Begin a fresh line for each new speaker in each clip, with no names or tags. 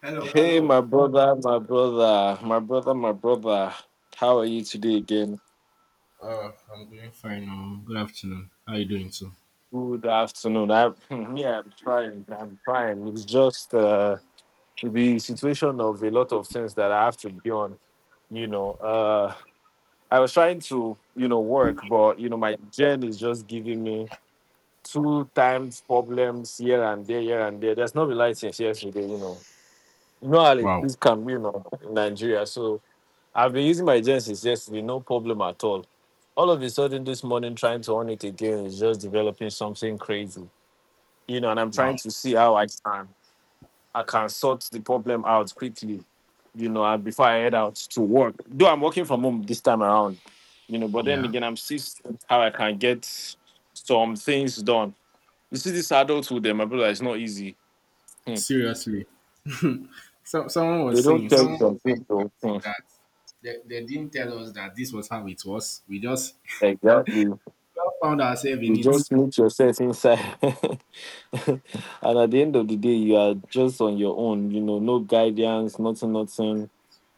Hello,
Hey,
hello.
my brother, my brother, my brother, my brother. How are you today again?
I'm doing fine. Good afternoon. How are you doing too?
Good afternoon. I, yeah, I'm trying. I'm trying. It's just the situation of a lot of things that I have to be on. You know, I was trying to, you know, work, but you know, my gen is just giving me two times problems here and there, here and there. There's no license yesterday. You know how it
Wow,
is can be, you know, in Nigeria. So I've been using my gen since yesterday, no problem at all. All of a sudden, this morning, trying to on it again is just developing something crazy, you know. And I'm
wow.
trying to see how I can sort the problem out quickly, you know, and before I head out to work. Though I'm working from home this time around, you know, but then
Yeah.
again, I'm seeing how I can get some things done. You see, this adulthood, eh, my brother, it's not easy. Hmm.
Seriously.
They don't tell you
Someone was saying
something, though.
something
Hmm.
that they didn't tell us that this was how it was.
Exactly.
We all found ourselves in
You
it.
just meet yourself inside. And at the end of the day, you are just on your own, you know, no guidance, nothing, nothing.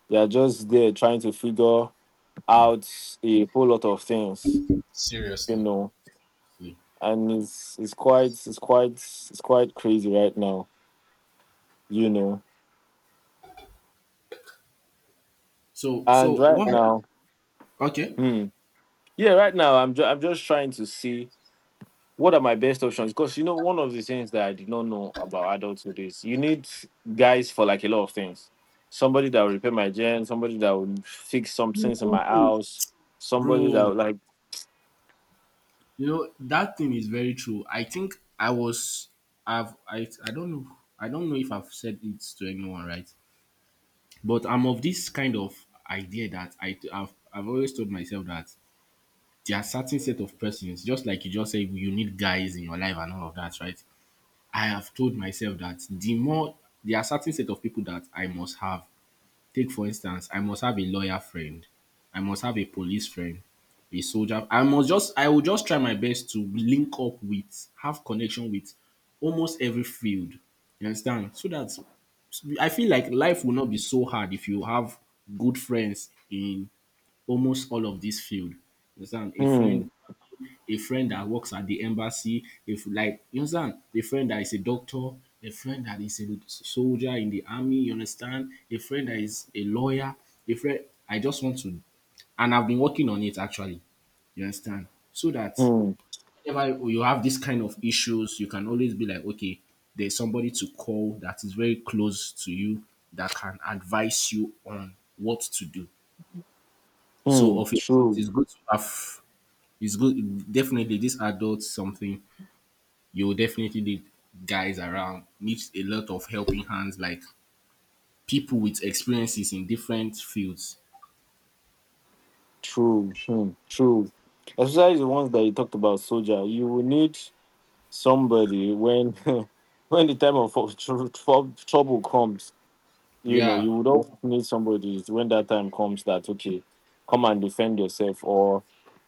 You are just there trying to figure out a whole lot of things, you
Seriously.
know. And it's quite crazy right now, you know.
So
And right
what?
now,
Okay,
hmm, yeah, right now I'm just trying to see what are my best options? Because you know, one of the things that I did not know about adulthood is you need guys for like a lot of things. Somebody that will repair my gen, somebody that will fix some things in my house, somebody that
bro.
will like,
You know that thing is very true. I think I was. I've. I. I don't know. I don't know if I've said it to anyone, right? But I'm of this kind of idea that I've always told myself that there are certain set of persons, just like you just said, you need guys in your life and all of that, right? I have told myself that there are certain set of people that I must have. Take for instance, I must have a lawyer friend, I must have a police friend, a soldier. I will just try my best to link up with, have connection with almost every field. You understand? So that I feel like life will not be so hard if you have good friends in almost all of this field. You understand?
hmm,
A friend that works at the embassy, if like you understand, a friend that is a doctor, a friend that is a soldier in the army, you understand, a friend that is a lawyer, a friend I just want to and I've been working on it actually, you understand? So that
hmm,
whenever you have this kind of issues, you can always be like, okay, there's somebody to call that is very close to you that can advise you on what to do. So
hmm,
of it,
true,
it's good to have. It's good, definitely. This adult something you will definitely need guys around. Needs a lot of helping hands, like people with experiences in different fields.
true, hmm, true. Especially the ones that you talked about, soldier. You will need somebody when when the time of trouble comes, you know.
Yeah.
You would always need somebody when that time comes that, okay, come and defend yourself or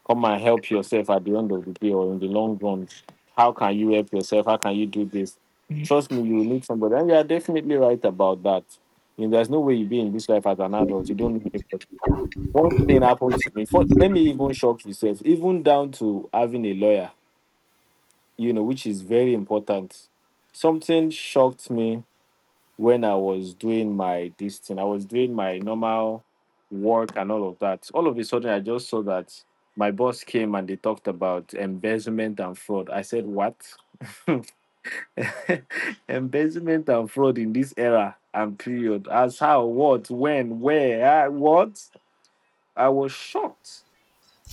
come and help yourself at the end of the day or in the long run. How can you help yourself? How can you do this? Mhm. Trust me, you will need somebody. And you are definitely right about that. You know, there's no way you be in this life as an adult. You don't need anybody. One thing happened to me. For, let me even shock yourself, even down to having a lawyer, you know, which is very important. Something shocked me when I was doing my this thing, I was doing my normal work and all of that. All of a sudden, I just saw that my boss came and they talked about embezzlement and fraud. I said, what? Embezzlement and fraud in this era and period. As how, what, when, where, ah, what? I was shocked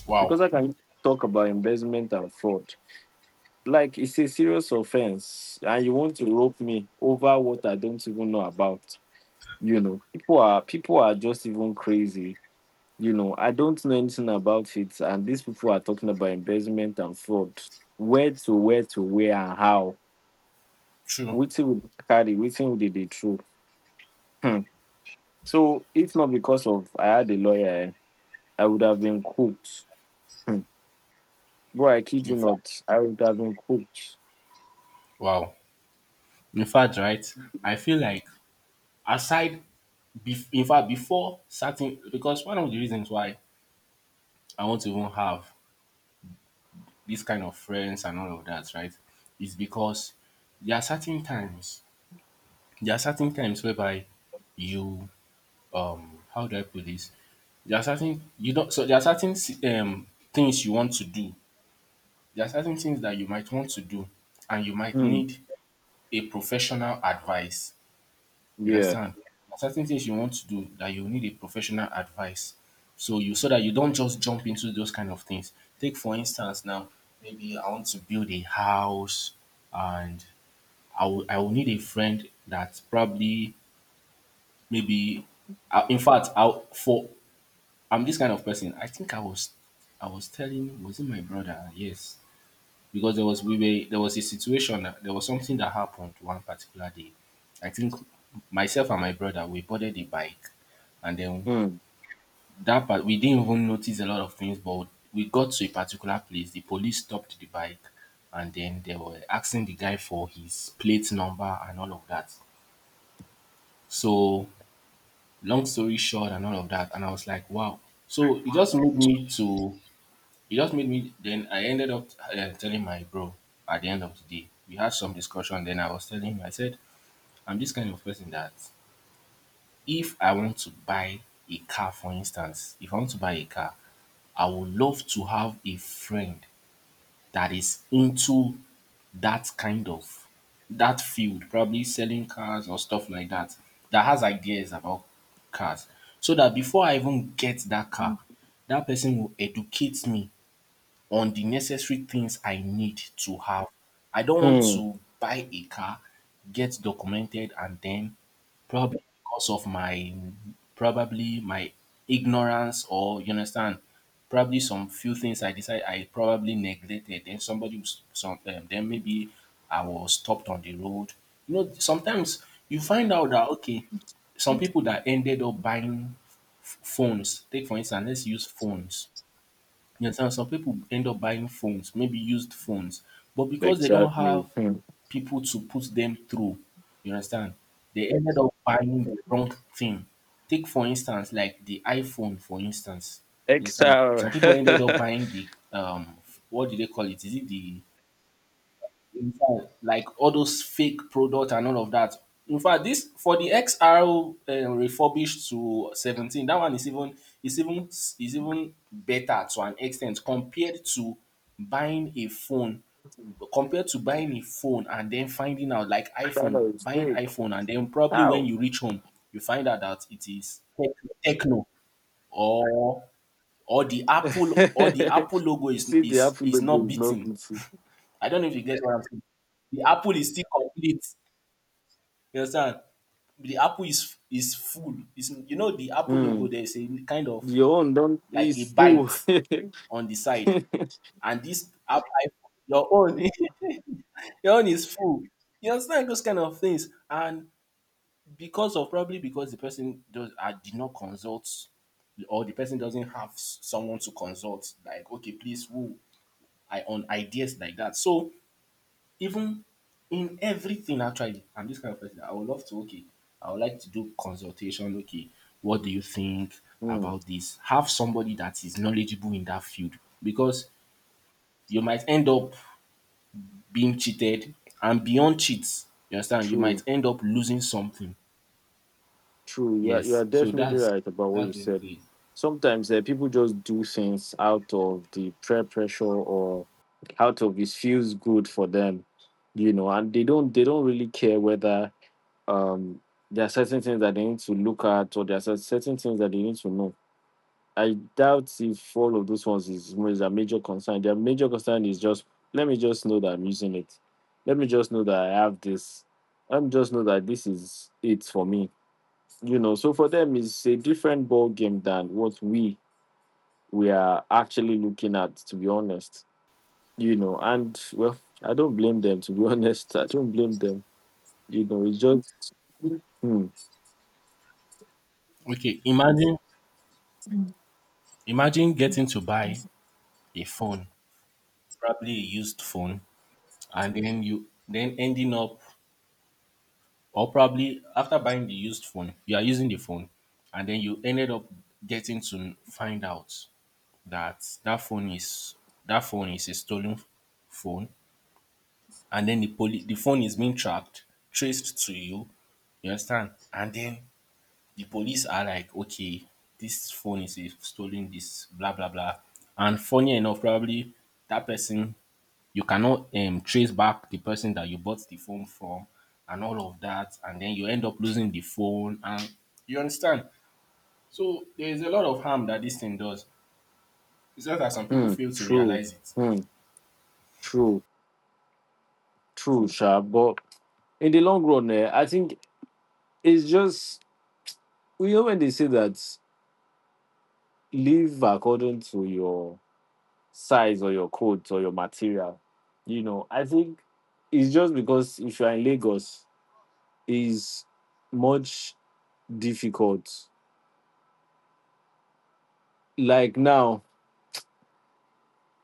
Wow.
because I can talk about embezzlement and fraud. Like, it's a serious offense, and you want to rope me over what I don't even know about. You know, people are just even crazy. You know, I don't know anything about it, and these people are talking about embezzlement and fraud. Where to where to where and how?
True.
Which will carry? Which will they true? Hmm. So if not because of I had a lawyer, eh, I would have been cooked. Hmm. Bro, I kid
In
you
fact,
not, I would have been cooked.
wow. In fact, right. I feel like aside Bef in fact, Before certain, because one of the reasons why I want to even have this kind of friends and all of that, right, is because there are certain times, there are certain times whereby you, how do I put this? There are certain you don't. So There are certain things you want to do. There are certain things that you might want to do, and you might
Hmm.
need a professional advice. You
Yeah.
understand? There are certain things you want to do that you need a professional advice. So that you don't just jump into those kind of things. Take for instance now, maybe I want to build a house, and I will need a friend that probably maybe I, in fact I for I'm this kind of person. I was telling, was it my brother? Yes, because there was a situation that there was something that happened one particular day. I think myself and my brother, we boarded the bike, and then
Hmm.
that part we didn't even notice a lot of things. But we got to a particular place, the police stopped the bike, and then they were asking the guy for his plate number and all of that. So long story short and all of that, and I was like, wow. So it just made me to It just made me, then I ended up telling my bro at the end of the day. We had some discussion, then I was telling him, I said I'm this kind of person that if I want to buy a car for instance, if I want to buy a car, I would love to have a friend that is into that kind of that field, probably selling cars or stuff like that, that has ideas about cars. So that before I even get that car, that person will educate me on the necessary things I need to have. I don't want
Hmm.
to buy a car, get documented, and then probably because of my probably my ignorance, or you understand, probably some few things I decide I probably neglected. Then maybe I was stopped on the road. You know, sometimes you find out that okay, some people that ended up buying phones. Take for instance, let's use phones, you understand? Some people end up buying phones, maybe used phones, but because they don't
Exactly.
have
Hmm.
people to put them through, you understand? They ended up buying the wrong thing. Take, for instance, like the iPhone, for instance. You understand?
XR.
Some people ended up buying the, what do they call it? Is it the in fact, Like all those fake product and all of that. In fact, this for the XR refurbished to 17, that one is even better to an extent compared to buying a phone. Compared to buying a phone and then finding out like
That is
buying
fake.
iPhone and then probably when
How?
you reach home, you find out that it is techno or or the Apple logo
You see, the apple
is
logo
not
is not
beating.
beauty.
I don't know if you get what I'm saying. The apple is still complete. You understand? The apple is full. It's, you know, the apple logo.
Hmm.
There is a kind of
Your own don't
like a
is full.
bite on the side, and this apple, your own, your own is full. You understand those kind of things, and because of probably because the person does, I did not consult, or the person doesn't have someone to consult. Like, okay, please, who I on ideas like that. So even in everything actually. I'm this kind of person. I would love to, okay. I would like to do consultation. Okay, what do you think
Hmm.
about this? Have somebody that is knowledgeable in that field because you might end up being cheated, and beyond cheats, you understand, you might
True,
end up losing something.
true. You
Yes.
are definitely right about what
That's
you said.
basically
Sometimes people just do things out of the peer pressure or out of it feels good for them, you know, and they don't really care whether um there are certain things that they need to look at or there are certain things that they need to know. I doubt if all of those ones is a major concern. Their major concern is just let me just know that I'm using it. Let me just know that I have this. Let me just know that this is it for me. You know, so for them it's a different ball game than what we are actually looking at, to be honest. You know, and well, I don't blame them to be honest. I don't blame them. You know, it's just hmm,
it. Okay, imagine getting to buy a phone, probably a used phone, and then you then ending up, or probably after buying the used phone, you are using the phone, and then you ended up getting to find out that that phone is a stolen phone, and then the phone is being tracked, traced to you. You understand? And then the police are like, okay, this phone is a stolen, this blah blah blah. And funny enough, probably that person, you cannot trace back the person that you bought the phone from and all of that. And then you end up losing the phone. And you understand? So there is a lot of harm that this thing does. It's just that some people
hmm,
fail to
true,
realize it.
hmm, true, true, sha. But in the long run, eh, I think it's just, you know, when they say that live according to your size or your coat or your material, you know, I think it's just because if you are in Lagos, it's much difficult. Like now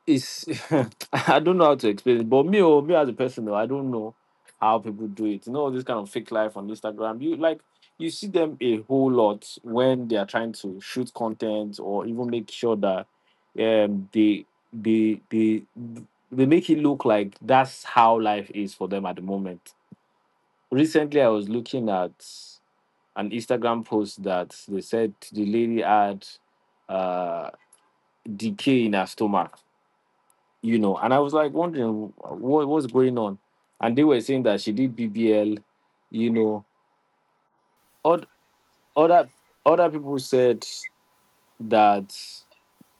it's I don't know how to explain it, but me or me as a person, though, I don't know how people do it. You know, this kind of fake life on Instagram. You like you see them a whole lot when they are trying to shoot content or even make sure that um they they they they make it look like that's how life is for them at the moment. Recently I was looking at an Instagram post that they said the lady had uh decay in her stomach, you know. And I was like wondering what what's going on, and they were saying that she did BBL, you know. Od- Other other people said that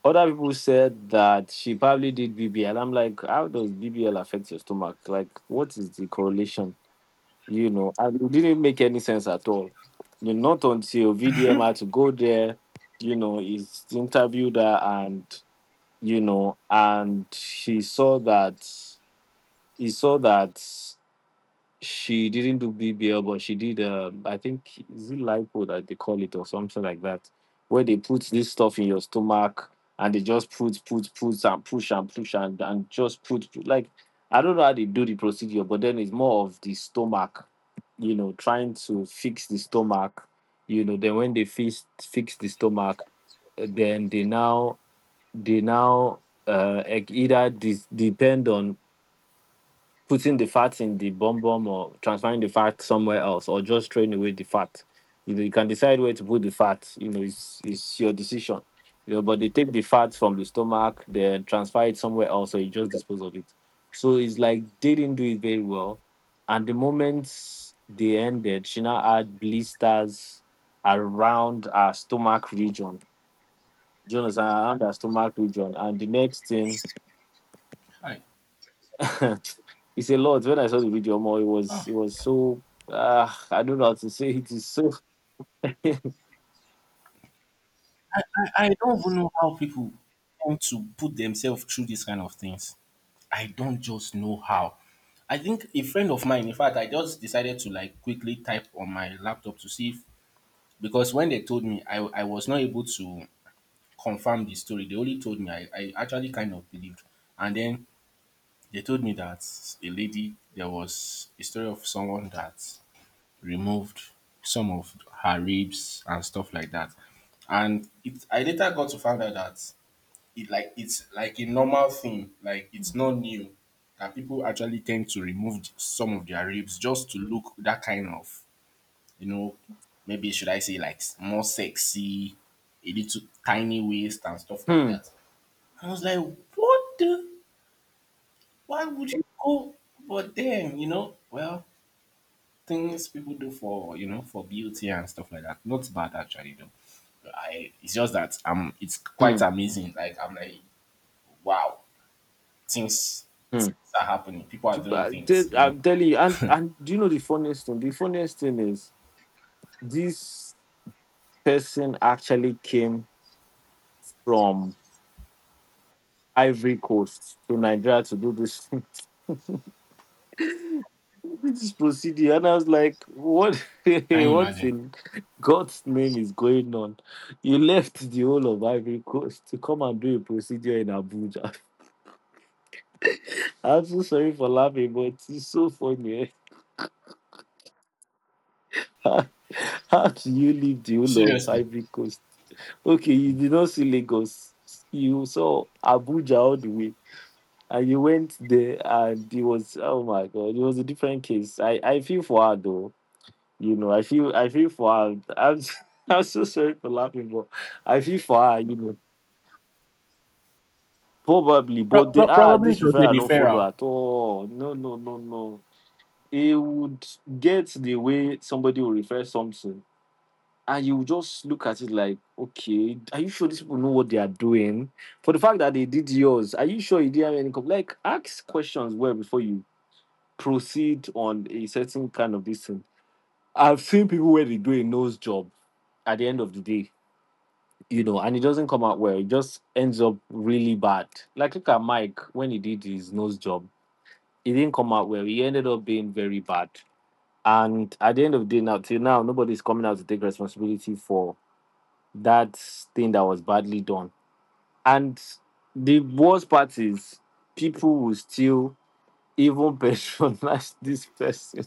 other people said that she probably did BBL. I'm like, how does BBL affect your stomach? Like, what is the correlation? You know, and it didn't make any sense at all. You know, not until VDM had to go there, you know, he's interviewed her and you know, and he saw that he saw that she didn't do BBL, but she did. I think is it lipo that they call it or something like that, where they put this stuff in your stomach and they just put, put, put and push and push and just put, put. Like, I don't know how they do the procedure, but then it's more of the stomach, you know, trying to fix the stomach, you know. Then when they fix the stomach, then they now e- either dis- depend on putting the fat in the bum bum or transferring the fat somewhere else or just throwing away the fat. You know, you can decide where to put the fat. You know, it's your decision. You know, but they take the fat from the stomach, then transfer it somewhere else, or you just dispose of it. So it's like they didn't do it very well. And the moment they ended, she now had blisters around her stomach region. Do you understand? Around her stomach region. And the next thing
I,
it's a lot. When I saw the video, more it
ah,
was it was so I don't know how to say it. It's so
I don't even know how people want to put themselves through these kind of things. I don't just know how. I think a friend of mine, in fact, I just decided to like quickly type on my laptop to see if, because when they told me, I was not able to confirm the story. They only told me. I actually kind of believed. And then they told me that a lady, there was a story of someone that removed some of her ribs and stuff like that. And I later got to find out that it's like a normal thing. Like it's not new that people actually tend to remove some of their ribs just to look that kind of, you know, maybe should I say like more sexy, a little tiny waist and stuff like
hmm
that. I was like, what the? Why would you go? But then, you know, well, things people do for, you know, for beauty and stuff like that. Not bad actually though. I It's just that it's quite
hmm
amazing. Like I'm like, wow, things,
hmm.
things are happening. People are
People,
doing things, you know.
I'm telling you,
Can
and do you know the funniest thing? The funniest thing is this person actually came from Ivory Coast to Nigeria to do this this procedure, and I was like, what
you
what
imagine?
in God's name is going on? You left the whole of Ivory Coast to come and do a procedure in Abuja. I'm so sorry for laughing, but it's so funny. Eh? How do you leave the whole of
Seriously.
Ivory Coast? Okay, you did not see Lagos. You saw Abuja all the way. And you went there and it was, oh my god, it was a different case. I feel for her though. You know, I feel for her. I'm I'm so sorry for laughing, but I feel for her, you know. Probably, but they ah
Probably
this
it was a
referral no follow
referral.
at all. No, no, no, no. He would get the way somebody will refer something and you just look at it like, okay, are you sure these people know what they are doing? For the fact that they did yours, are you sure you didn't have any com-" like ask questions well before you proceed on a certain kind of this thing. I've seen people where they do a nose job at the end of the day, you know, and it doesn't come out well, it just ends up really bad. Like look at Mike when he did his nose job, it didn't come out well, he ended up being very bad. And at the end of the day, now till now, nobody's coming out to take responsibility for that thing that was badly done. And the worst part is people will still even patronize this person.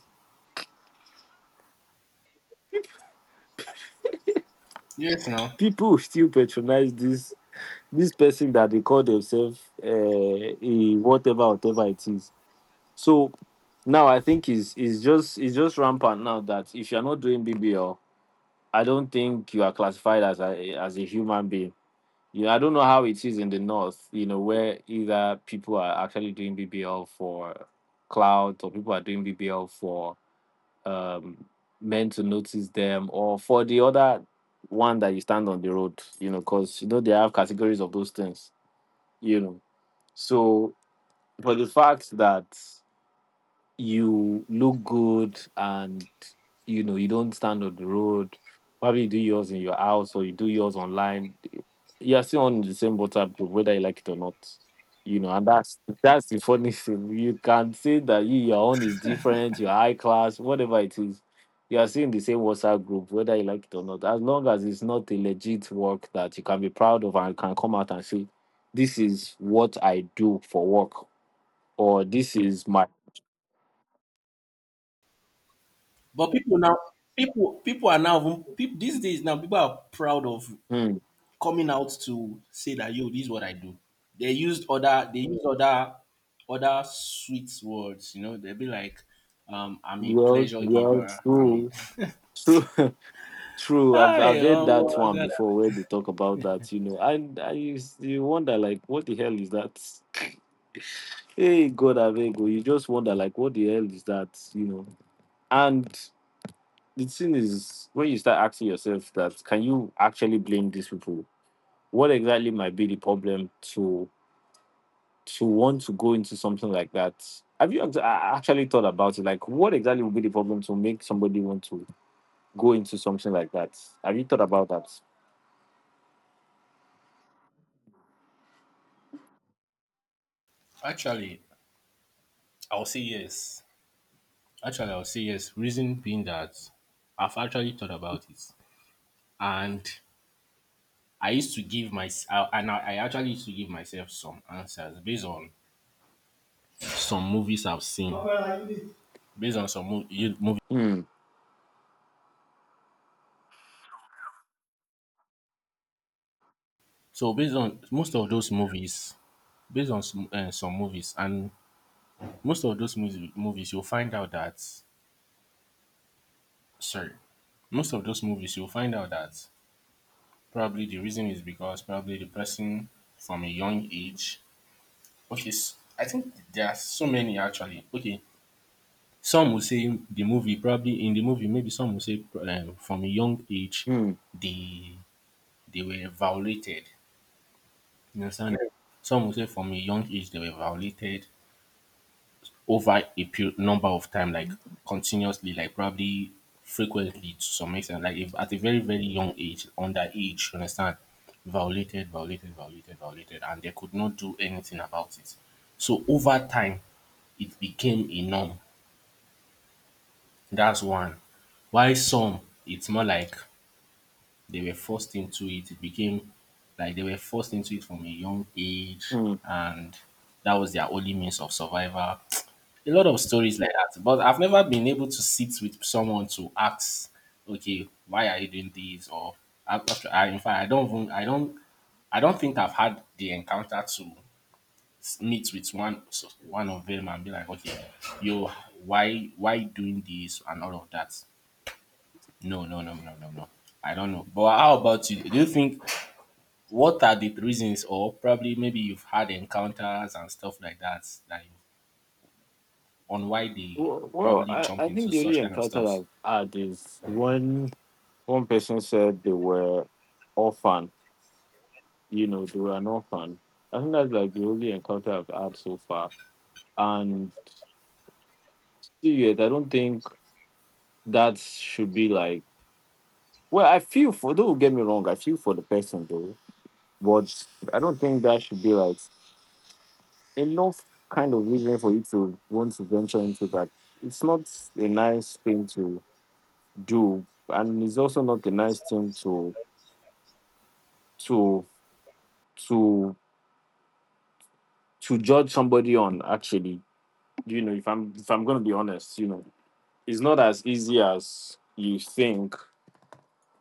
Yes, now.
People will still patronize this person that they call themselves a whatever, whatever it is. So now I think is just it's just rampant now that if you're not doing BBL, I don't think you are classified as a human being. You know, I don't know how it is in the north, you know, where either people are actually doing BBL for clout or people are doing BBL for um, men to notice them, or for the other one that you stand on the road, you know, because, you know, they have categories of those things, you know. So, for the fact that you look good and you know you don't stand on the road, probably you do yours in your house or you do yours online, you're still on the same WhatsApp group whether you like it or not, you know. And that's the funny thing. You can say that you your own is different, your high class, whatever it is, you are still in the same WhatsApp group whether you like it or not, as long as it's not a legit work that you can be proud of and can come out and say this is what I do for work, or this is my.
But people are now, people, these days now, people are proud of
Hmm.
coming out to say that yo, this is what I do. They used other other sweet words, you know, they'd be like, I'm a
Yeah,
pleasure
yeah,
giver, I'm
true,
a
true, true. I've
Hi,
I've heard
oh
that
my
one
God.
before where they talk about that. You know, and I used you wonder, like, what the hell is that? Hey, God, Avego, you just wonder, like, what the hell is that? You know, and the thing is, when you start asking yourself that, can you actually blame these people? What exactly might be the problem to want to go into something like that? Have you actually thought about it? Like, what exactly would be the problem to make somebody want to go into something like that? Have you thought about that?
Actually, I'll say yes. Actually, I'll say yes. Reason being that I've actually thought about it, and I actually used to give myself some answers based on some movies I've seen, based on some movies.
Hmm.
So based on most of those movies, based on some movies and most of those movies you'll find out that sorry most of those movies you'll find out that probably the reason is because probably the person from a young age. I think there are so many actually. Okay, some will say the movie, probably in the movie, maybe some will say from a young age
Hmm.
they were violated, you understand? Some will say from a young age they were violated over a period number of time, like continuously, like probably frequently to some extent, like if at a very, very young age, underage, you understand, violated, violated, violated, violated, and they could not do anything about it. So over time, it became a norm. That's one. While some, it's more like they were forced into it. It became like they were forced into it from a young age,
Hmm.
and that was their only means of survival. A lot of stories like that. But I've never been able to sit with someone to ask, okay, why are you doing this? Or I, in fact, I don't think I've had the encounter to meet with one of them and be like, okay, yo, why you doing this and all of that? No, no, no, no, no, no. I don't know. But how about you? Do you think what are the reasons, or probably maybe you've had encounters and stuff like that, that on why they
Well,
probably
I,
jump
I
into
think the only
such kind of
encounter
stuff?
I've had is when one person said they were orphan. You know, they were an orphan. I think that's like the only encounter I've had so far. And serious, I don't think that should be like. Well, I feel for. Don't get me wrong. I feel for the person, though, but I don't think that should be like enough kind of reason for you to want to venture into that. It's not a nice thing to do, and it's also not a nice thing to to to judge somebody on. Actually, you know, if I'm going to be honest, you know, it's not as easy as you think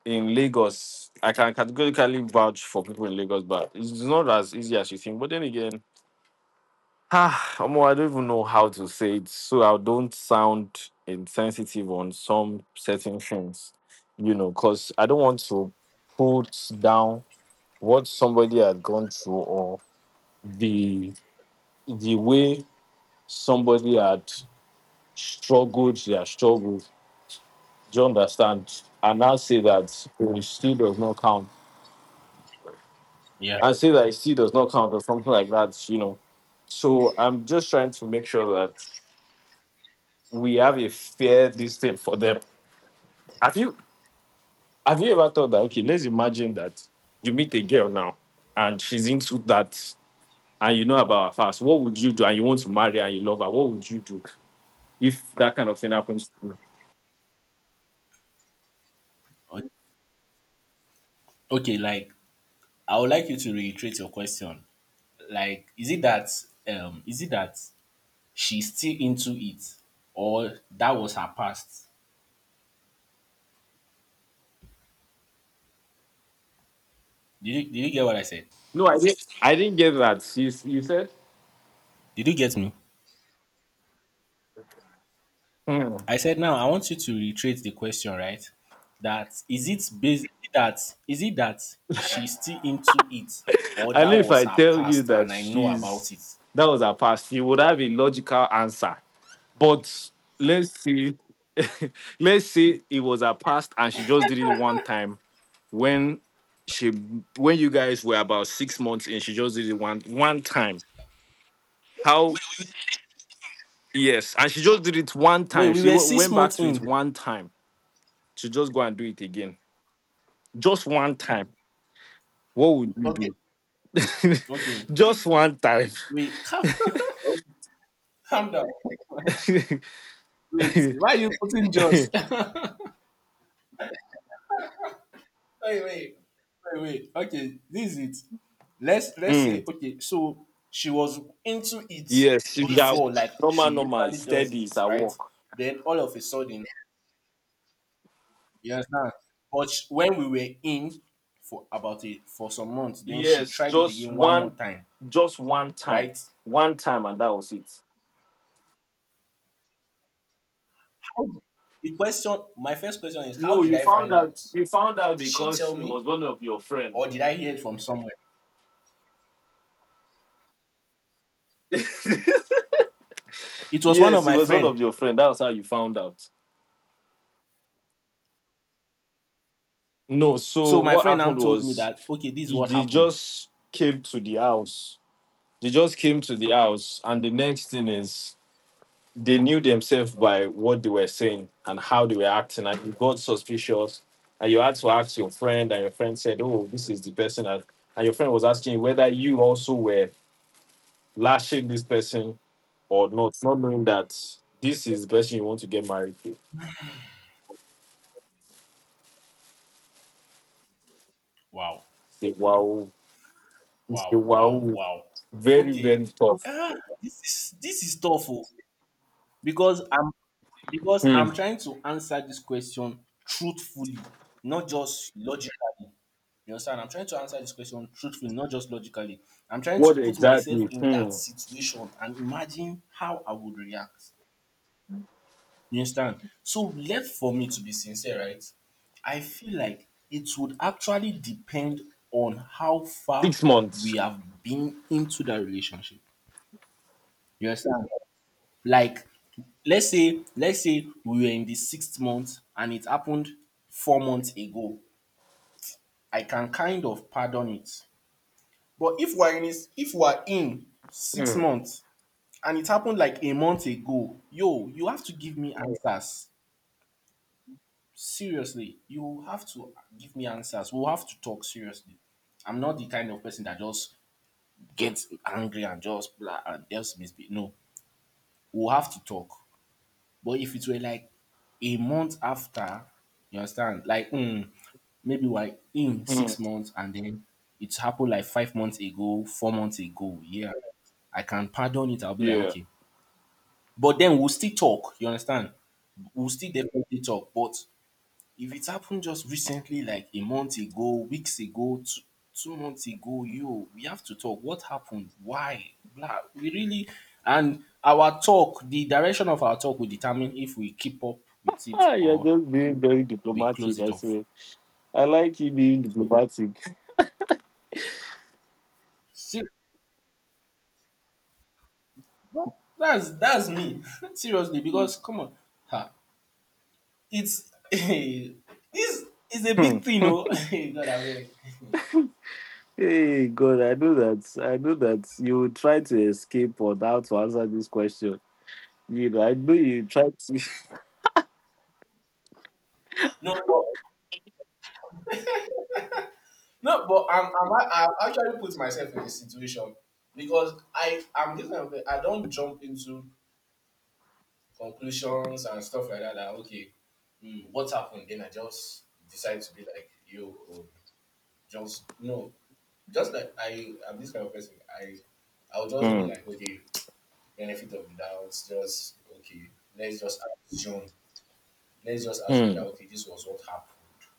in Lagos. I can categorically vouch for people in Lagos, but it's not as easy as you think. But then again, ah, Omo, I don't even know how to say it, so I don't sound insensitive on some certain things, you know, because I don't want to put down what somebody had gone through, or the the way somebody had struggled their struggles. Do you understand? And now say that it still does not count.
Yeah.
And say that it still does not count or something like that, you know. So I'm just trying to make sure that we have a fair this thing for them. Have you have you ever thought that, okay, let's imagine that you meet a girl now and she's into that and you know about her fast. What would you do? And you want to marry and you love her, what would you do if that kind of thing happens to you?
O- Okay, like I would like you to reiterate your question. Like, is it that she's still into it or that was her past? Did you get what I said?
No, I didn't get that. She's you said.
Did you get me?
Hmm.
I said now I want you to reiterate the question, right? That that is it that she's still into it or
I know
that
if
was
I
her
tell you
past
that
and I know
she's
about it.
that was her past, you would have a logical answer. But let's see, let's say it was her past and she just did it one time when she when you guys were about 6 months in, she just did it one time. How, yes, and she just did it one
Wait,
time.
we
She
were six
went back
months
to it
in.
one time. She just go and do it again, just one time. What would you
Okay.
do?
Okay.
Just one time.
Wait, calm down. Wait, why are you putting just? wait, wait, wait, wait. Okay, this is it. Let's say
Mm,
okay. So she was into it
yes, she's at
before,
work.
like
Normal,
she
normal,
usually does
steady
it,
is at
right?
work.
Then all of a sudden, you understand? But when we were in for about it for some months, then she
Yes,
tried it again one more time,
just
right?
one time, and that was it.
How, the question, my first question is, how
No,
did
you
I
found
find out?
out. You found out
Did she
because
tell
it
me,
was one of your friend.
or did I hear it from somewhere?
Yes,
It was one of
it
my
was one
friend.
of your friend. That's how you found out. No, so
So my
what
friend now
happened
told me
was
that okay, this is what
they
happened.
just came to the house. They just came to the house, and the next thing is they knew themselves by what they were saying and how they were acting, and you got suspicious. And you had to ask your friend, and your friend said, "Oh, this is the person," and your friend was asking whether you also were lashing this person or not, not knowing that this is the person you want to get married to.
Wow,
Say wow, it's a
wow, wow,
wow,
wow.
very
Okay,
very tough.
ah, this is tough oh, because I'm because
Hmm.
I'm trying to answer this question truthfully, not just logically. You understand? I'm trying to answer this question truthfully, not just logically. I'm trying to
What
put myself
exactly?
in that
Hmm.
situation and imagine how I would react. You understand? So left for me to be sincere, right? I feel like it would actually depend on how far
Six
we
months.
have been into that relationship. You understand? Like let's say we were in the sixth month and it happened 4 months ago. I can kind of pardon it. But if we're in six
Hmm.
months and it happened like a month ago, yo, you have to give me answers. Seriously, you have to give me answers. We'll have to talk seriously. I'm not the kind of person that just gets angry and just blah and else misbehave. No, we'll have to talk. But if it were like a month after, you understand? Like, maybe we're in
Hmm.
6 months and then it happened like 5 months ago, 4 months ago. Yeah, I can pardon it. I'll be like,
Yeah.
okay. But then we'll still talk. You understand? We'll still definitely talk. But if it happened just recently like a month ago, weeks ago, 2 months ago, yo, we have to talk. What happened? Why? Blah. We really and our talk, the direction of our talk will determine if we keep up with it
Ah, you're
or
just being very
we close
diplomatic,
it
I
off.
say. I like you being
So,
diplomatic.
see, no, that's me. Seriously, because come on, ha, it's it's a
Hmm.
big thing, oh. God, I beg.
Hey God, I know that. I know that you will try to escape or how to answer this question. You know, I know you try to.
No, No, but I I actually put myself in this situation because I am this kind of pe- I don't jump into conclusions and stuff like that. That okay, what happened? Then I just decide to be like you or just no, just like I am this kind of person. I I'll just
Hmm.
be like okay, benefit of the doubt. Just okay, let's just assume. Let's just assume that
Hmm.
okay, this was what happened.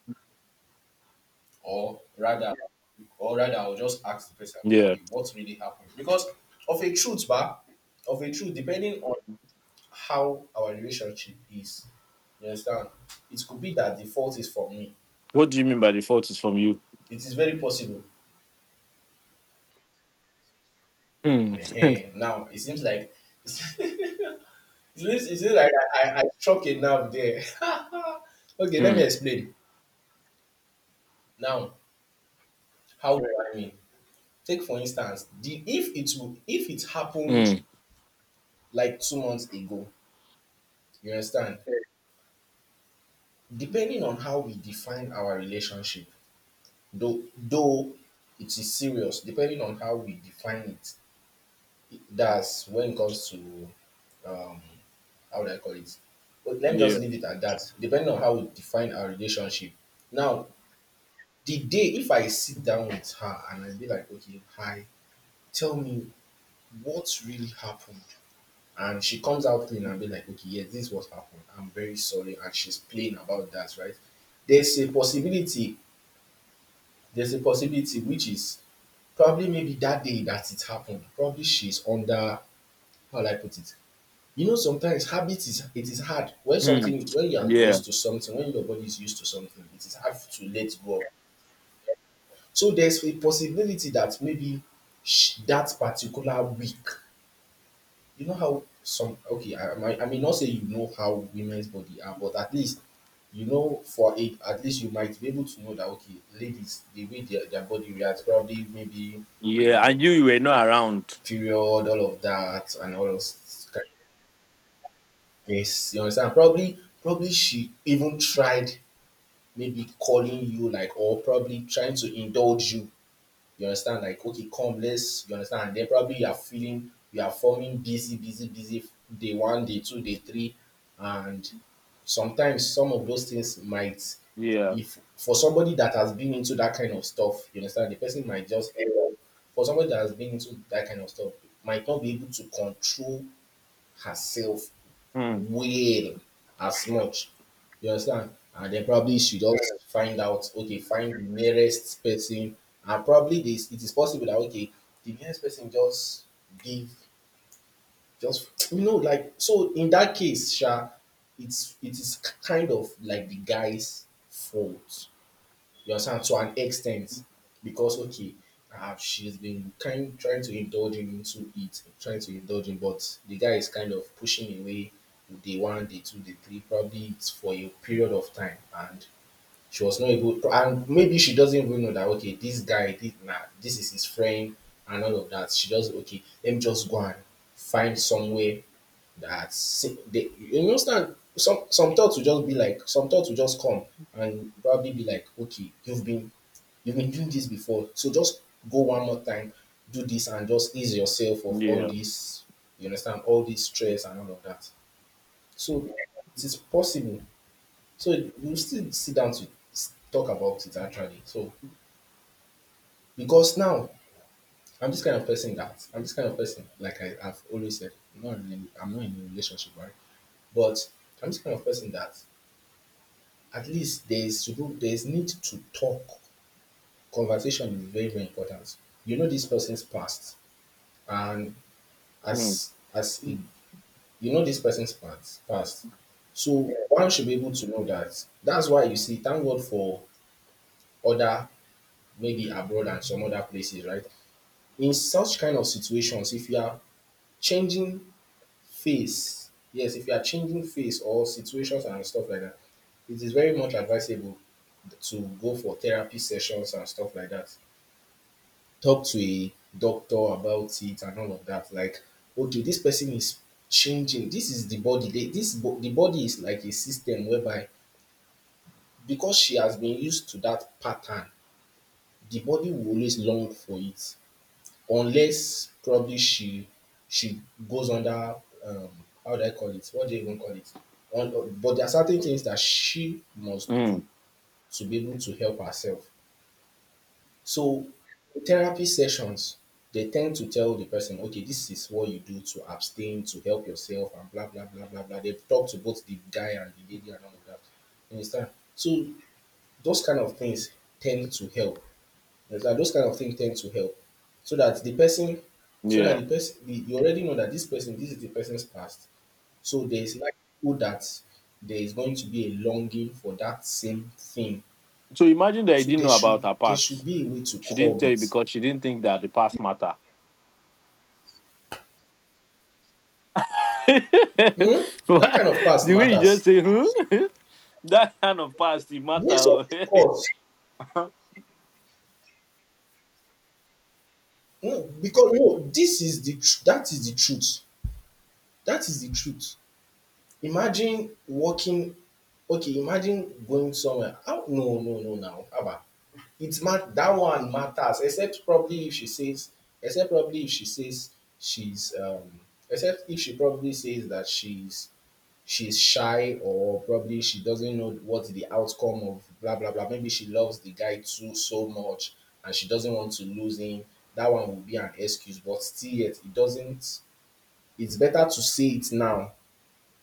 Or rather, or rather I'll just ask the person like,
Yeah.
okay what really happened, because of a truth, bar of a truth, depending on how our relationship is, you understand, it could be that the fault is from me.
What do you mean by the fault is from you?
It is very possible.
Hmm.
Ehen, now it seems like it it seems like I struck a nerve there. Okay, let me
Hmm.
explain now. How do I mean? Take for instance the if it happened
Mm.
like 2 months ago, you understand, depending on how we define our relationship, though it is serious, depending on how we define it, it- that's when it comes to um how would I call it? But let me just
Yeah.
leave it at that. Depending on how we define our relationship. Now, the day if I sit down with her and I be like, okay, hi, tell me what really happened. And she comes out clean and be like, okay, yeah, this is what happened. I'm very sorry. And she's playing about that, right? There's a possibility, which is probably maybe that day that it happened, probably she's under, how will I put it? You know, sometimes habit is it is hard when
Mm.
something when you are
Yeah.
used to something, when your body is used to something, it is hard to let go. Of. So there's a possibility that maybe that particular week, you know how some, okay I may not say you know how women's body are but at least you know for a at least you might be able to know that okay ladies the way their body reacts probably maybe
Yeah.
mm,
I knew you were not around.
period, all of that and all those kind of things, you understand, probably she even tried maybe calling you like, or probably trying to indulge you. You understand? Like, okay, come, let's, you understand? And then probably you are feeling, you are forming busy, busy, busy, day one, day two, day three. And sometimes some of those things might,
Yeah.
if for somebody that has been into that kind of stuff, you understand? The person might just end up, for somebody that has been into that kind of stuff, might not be able to control herself
Mm.
whale as much. You understand? And then probably should also find out, okay, find the nearest person. And probably this it is possible that okay, the nearest person just give just you know, like so in that case, Sha, it is kind of like the guy's fault. You understand? To an extent. Because okay, she's been kind trying to indulge him into it, trying to indulge him, but the guy is kind of pushing away day one, day two, day three, probably it's for a period of time and she was not able and maybe she doesn't even know that okay, this nah, this is his friend and all of that. She just okay, let me just go and find somewhere that they you understand some thoughts will just be like, some thoughts will just come and probably be like, okay, you've been doing this before. So just go one more time, do this, and just ease yourself of all
Yeah.
this, you understand, all this stress and all of that. So it is possible. So we'll still sit down to talk about it actually. So because now I'm this kind of person, like I've always said, I'm not in a relationship, right? But I'm this kind of person that at least there's need to talk. Conversation is very, very important. You know this person's past and
Mm.
as it, you know this person's past, so one should be able to know that. That's why you see thank god for other maybe abroad and some other places, right? In such kind of situations, if you are changing face, yes, if you are changing face or situations and stuff like that, it is very much advisable to go for therapy sessions and stuff like that, talk to a doctor about it and all of that. Like, okay, this person is changing. This is the body. They, the body is like a system whereby because she has been used to that pattern, the body will always long for it, unless probably she goes under, um, how do I call it? What do you even call it? But there are certain things that she must do
Mm.
to be able to help herself. So therapy sessions, they tend to tell the person, okay, this is what you do to abstain, to help yourself, and blah, blah, blah, blah, blah. They've talked to both the guy and the lady and all of that. You understand? So those kind of things tend to help. You understand? Those kind of things tend to help. So that the person,
Yeah.
you already know that this person, this is the person's past. So there is likelihood that there is going to be a longing for that same thing.
So imagine that you
So
didn't
there
know
should
about her
there should
past.
be a way to
She didn't
curb
tell you
it.
because she didn't think that the past matter.
Hmm? That kind
What?
of past
The way you
matters.
just say, hmm? That kind of past it
Yes, of
matter.
course.
Oh.
No, because no, this is the tr- that is the truth. That is the truth. Imagine walking. Okay, imagine going somewhere. How, no, no, no. Now, Abba, that one matters. Except probably if she says, except probably if she says she's, um, except if she probably says that she's shy, or probably she doesn't know what the outcome of blah blah blah. Maybe she loves the guy too so much, and she doesn't want to lose him. That one would be an excuse, but still yet it doesn't it's better to say it now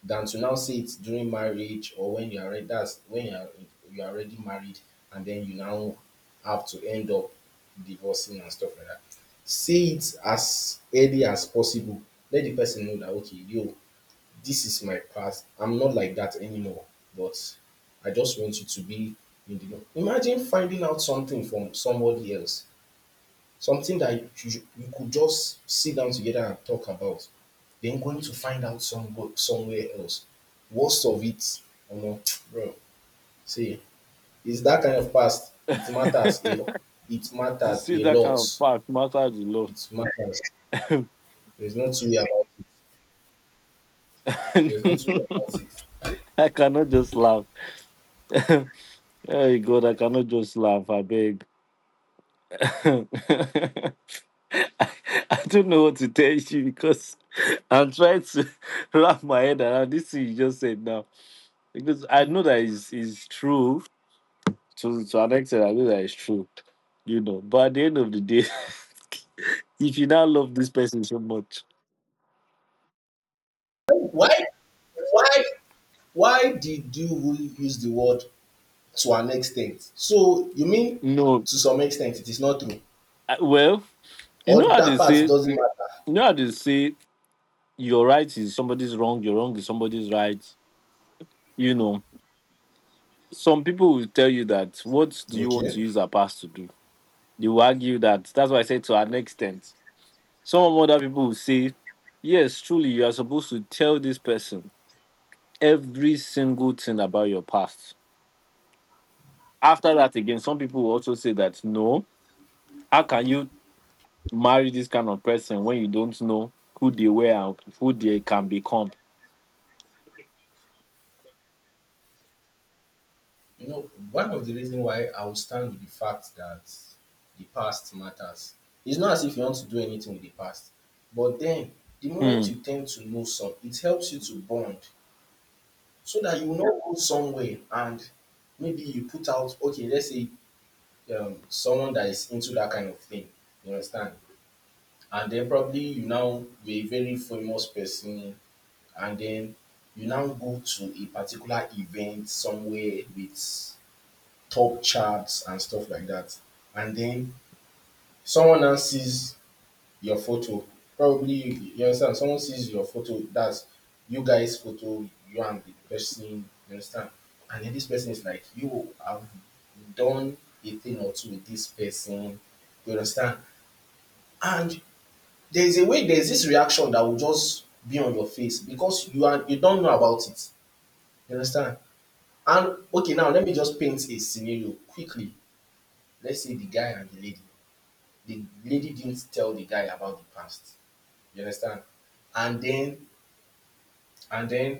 than to now say it during marriage, or when you are ready, that's when you are already married, and then you now have to end up divorcing and stuff like that. Say it as early as possible. Let the person know that, okay yo, this is my past. I'm not like that anymore. But I just want you to be in the know. Imagine finding out something from somebody else, something that you could just sit down together and talk about, then going to find out somewhere else. Worst of it, you know, bro. See, it's that kind of past. It
You
matters
see
a
that
lot.
kind of past matters a lot.
It matters. There's no two-way about it. There's no two-way about it.
I cannot just laugh. Hey God, I cannot just laugh. I beg. I don't know what to tell you because I'm trying to wrap my head around this thing you just said now. Because I know that is true to an extent. I know that it's true, you know. But at the end of the day, if you now love this person so much,
Why? Why Why did you use the word "to an extent"? So you mean
no,
to some extent it is not true,
well, you
or
know how
that
they
part
say,
doesn't matter?
you know how they say, your right is somebody's wrong, your wrong is somebody's right. You know, some people will tell you that what do you want to
Okay.
use our past to do? They will argue that that's why I said to an extent. Some of other people will say, yes, truly, you are supposed to tell this person every single thing about your past. After that, again, some people will also say that no, how can you marry this kind of person when you don't know who they were and who they can become?
You know, one of the reasons why I will stand with the fact that the past matters. It's not as if you want to do anything with the past, but then the moment
Hmm.
you tend to know some, it helps you to bond, so that you will not go somewhere and maybe you put out, okay, let's say, someone that is into that kind of thing. You understand? And then probably you're a very famous person, and then you now go to a particular event somewhere with top charts and stuff like that, and then someone else sees your photo. Probably you, you understand, someone sees your photo, that's you guys' photo, you and the person, you understand, and then this person is like, you have done a thing or two with this person, you understand, and there's a way there's this reaction that will just be on your face, because you don't know about it. You understand? And okay, now let me just paint a scenario quickly. Let's say the guy and the lady. The lady didn't tell the guy about the past. You understand? And then, and then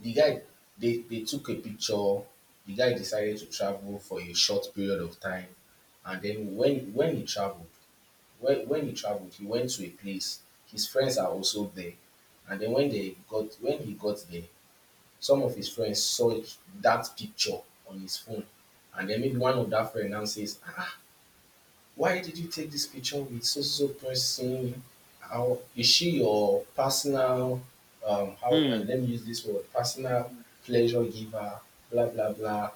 the guy, they took a picture. The guy decided to travel for a short period of time. And then when he traveled, he went to a place. His friends are also there, and then when he got there, some of his friends saw that picture on his phone, and then maybe one of that friend now says, "Ah, why did you take this picture with so so so person? How is she your personal? How
Hmm.
Let me use this word, personal pleasure giver? Blah blah blah."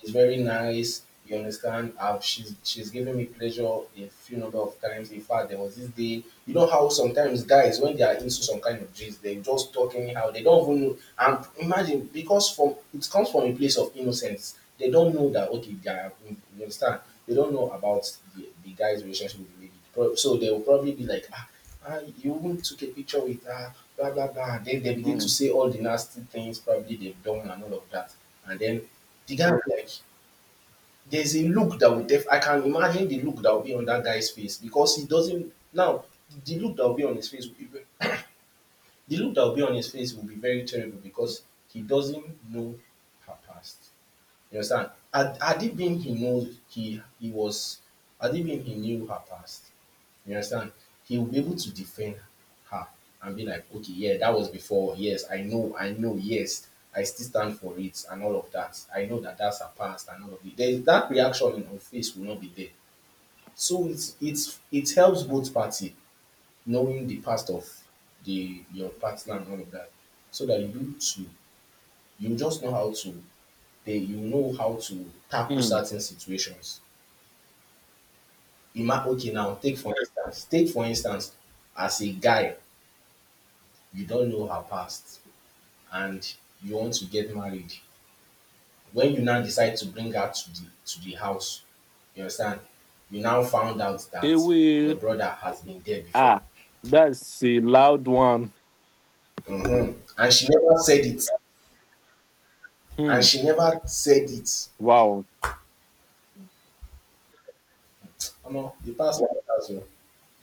She's very nice. You understand? I she's given me pleasure a few number of times. In fact, there was this day— you know how sometimes guys, when they are into some kind of gist, they just talk anyhow, they don't even know, and imagine, because from it comes from a place of innocence, they don't know that, okay, they are you understand, they don't know about the guy's relationship with the lady. So they will probably be like, "Ah, you even took a picture with her, blah blah blah," then they begin to
Hmm.
say all the nasty things probably they've done and all of that. And then the guy will be like— there's a look that will def I can imagine the look that will be on that guy's face, because he doesn't now— the look that will be on his face will be the look that will be on his face will be very terrible, because he doesn't know her past. You understand? Had it been he knew he was had it been he knew her past, you understand? He will be able to defend her and be like, okay, yeah, that was before. Yes, I know, I know. Yes, I still stand for it and all of that. I know that that's her past and all of it. There's that reaction in her face will not be there. So it helps both party, knowing the past of the your partner and all of that, so that you to— you just know how to— they you know how to tackle
Hmm.
certain situations. Okay, now take for instance, as a guy, you don't know her past and you want to get married. When you now decide to bring her to the house, you understand? You now found out
They
that your
will.
brother has been there before.
Ah, that's a loud one.
Mhm. And she never said it. And
Hmm.
she never said it.
Wow.
Omo, the past matters o.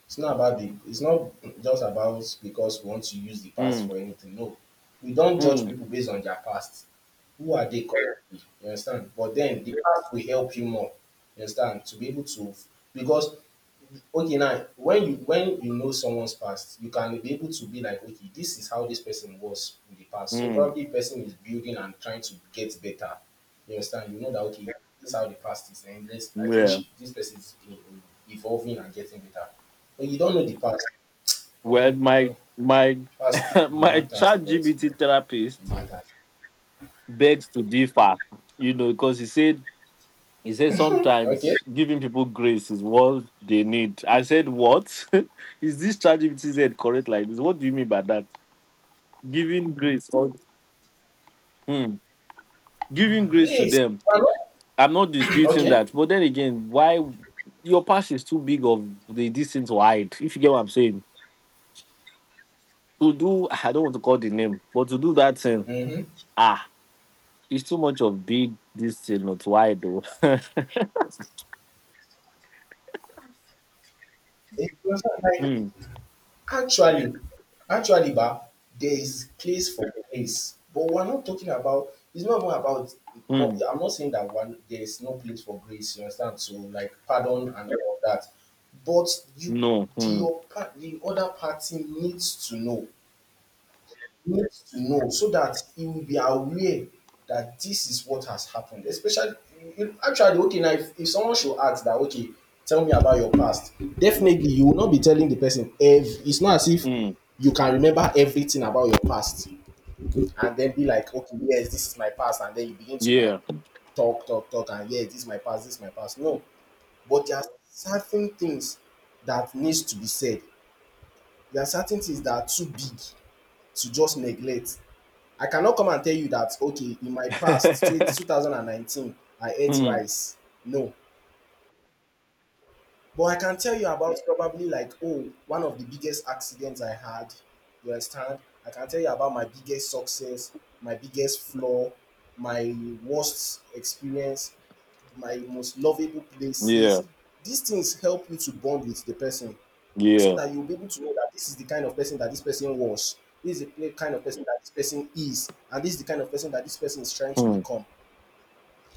It's not about the— it's not just about because we want to use the past
Hmm.
for anything. No. We don't judge
Hmm.
people based on their past. Who are they currently? You understand? But then the past will help you more. You understand? To be able to, because, okay, now when you know someone's past, you can be able to be like, okay, this is how this person was in the past, so
Hmm.
probably person is building and trying to get better. You understand? You know that, okay, this is how the past is, and this I think
Yeah.
she, this person is evolving and getting better, but you don't know the past. You
Well,
know, bro,
my
past, it
my
matters a
chat
lot,
GBT
bro. It
therapist
matters.
begs to differ, you know, because he said
Okay.
sometimes giving people grace is what they need. I said, what? Is this chat GBT said correct like this? What do you mean by that? Giving grace, or hmm, giving grace to
Great.
them. I'm not disputing
Okay.
that, but then again, why your past is too big of the distance to hide, if you get what I'm saying. To do I don't want to call the name, but to do that thing.
mm-hmm.
Ah, it's too much of big this thing, not wide though. Hmm.
Actually, ba, there is place for place, but we're not talking about. It's not even about. No,
Hmm.
I'm not saying that one there is no place for grace. You understand? So like pardon and all of that, but you,
No, hmm.
the other party needs to know, so that he will be aware that this is what has happened. Especially, actually, okay, now if someone should ask that, okay, tell me about your past, definitely you will not be telling the person, if it's not as if
Hmm.
you can remember everything about your past, and then be like, okay, yes, this is my past, and then you begin to, like,
Yeah.
talk, talk, talk, and yes, this is my past, this is my past. No, but there are certain things that needs to be said. There are certain things that are too big to just neglect. I cannot come and tell you that, okay, in my past, 2019, I ate
Hmm.
rice. No. But I can tell you about, probably, like, oh, one of the biggest accidents I had. You understand? I can tell you about my biggest success, my biggest flaw, my worst experience, my most lovable
Yeah,
places. These things help you to bond with the person, so
yeah.
that you'll be able to know that this is the kind of person that this person was, this is the kind of person that this person is, and this is the kind of person that this person is trying to
Hmm.
become.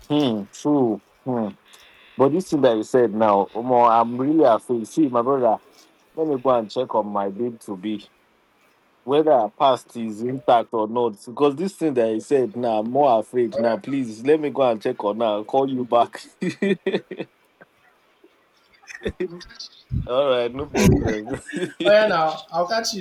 Hmm. True. Hmm. But this thing that you said now, Omo, I'm really afraid. See, my brother, let me go and check on my babe to be whether her past is intact or not. Because this thing that I said now, I'm more afraid now. Please let me go and check on her. I'll call you back. All right, no problem.
Oh yeah, now I'll catch you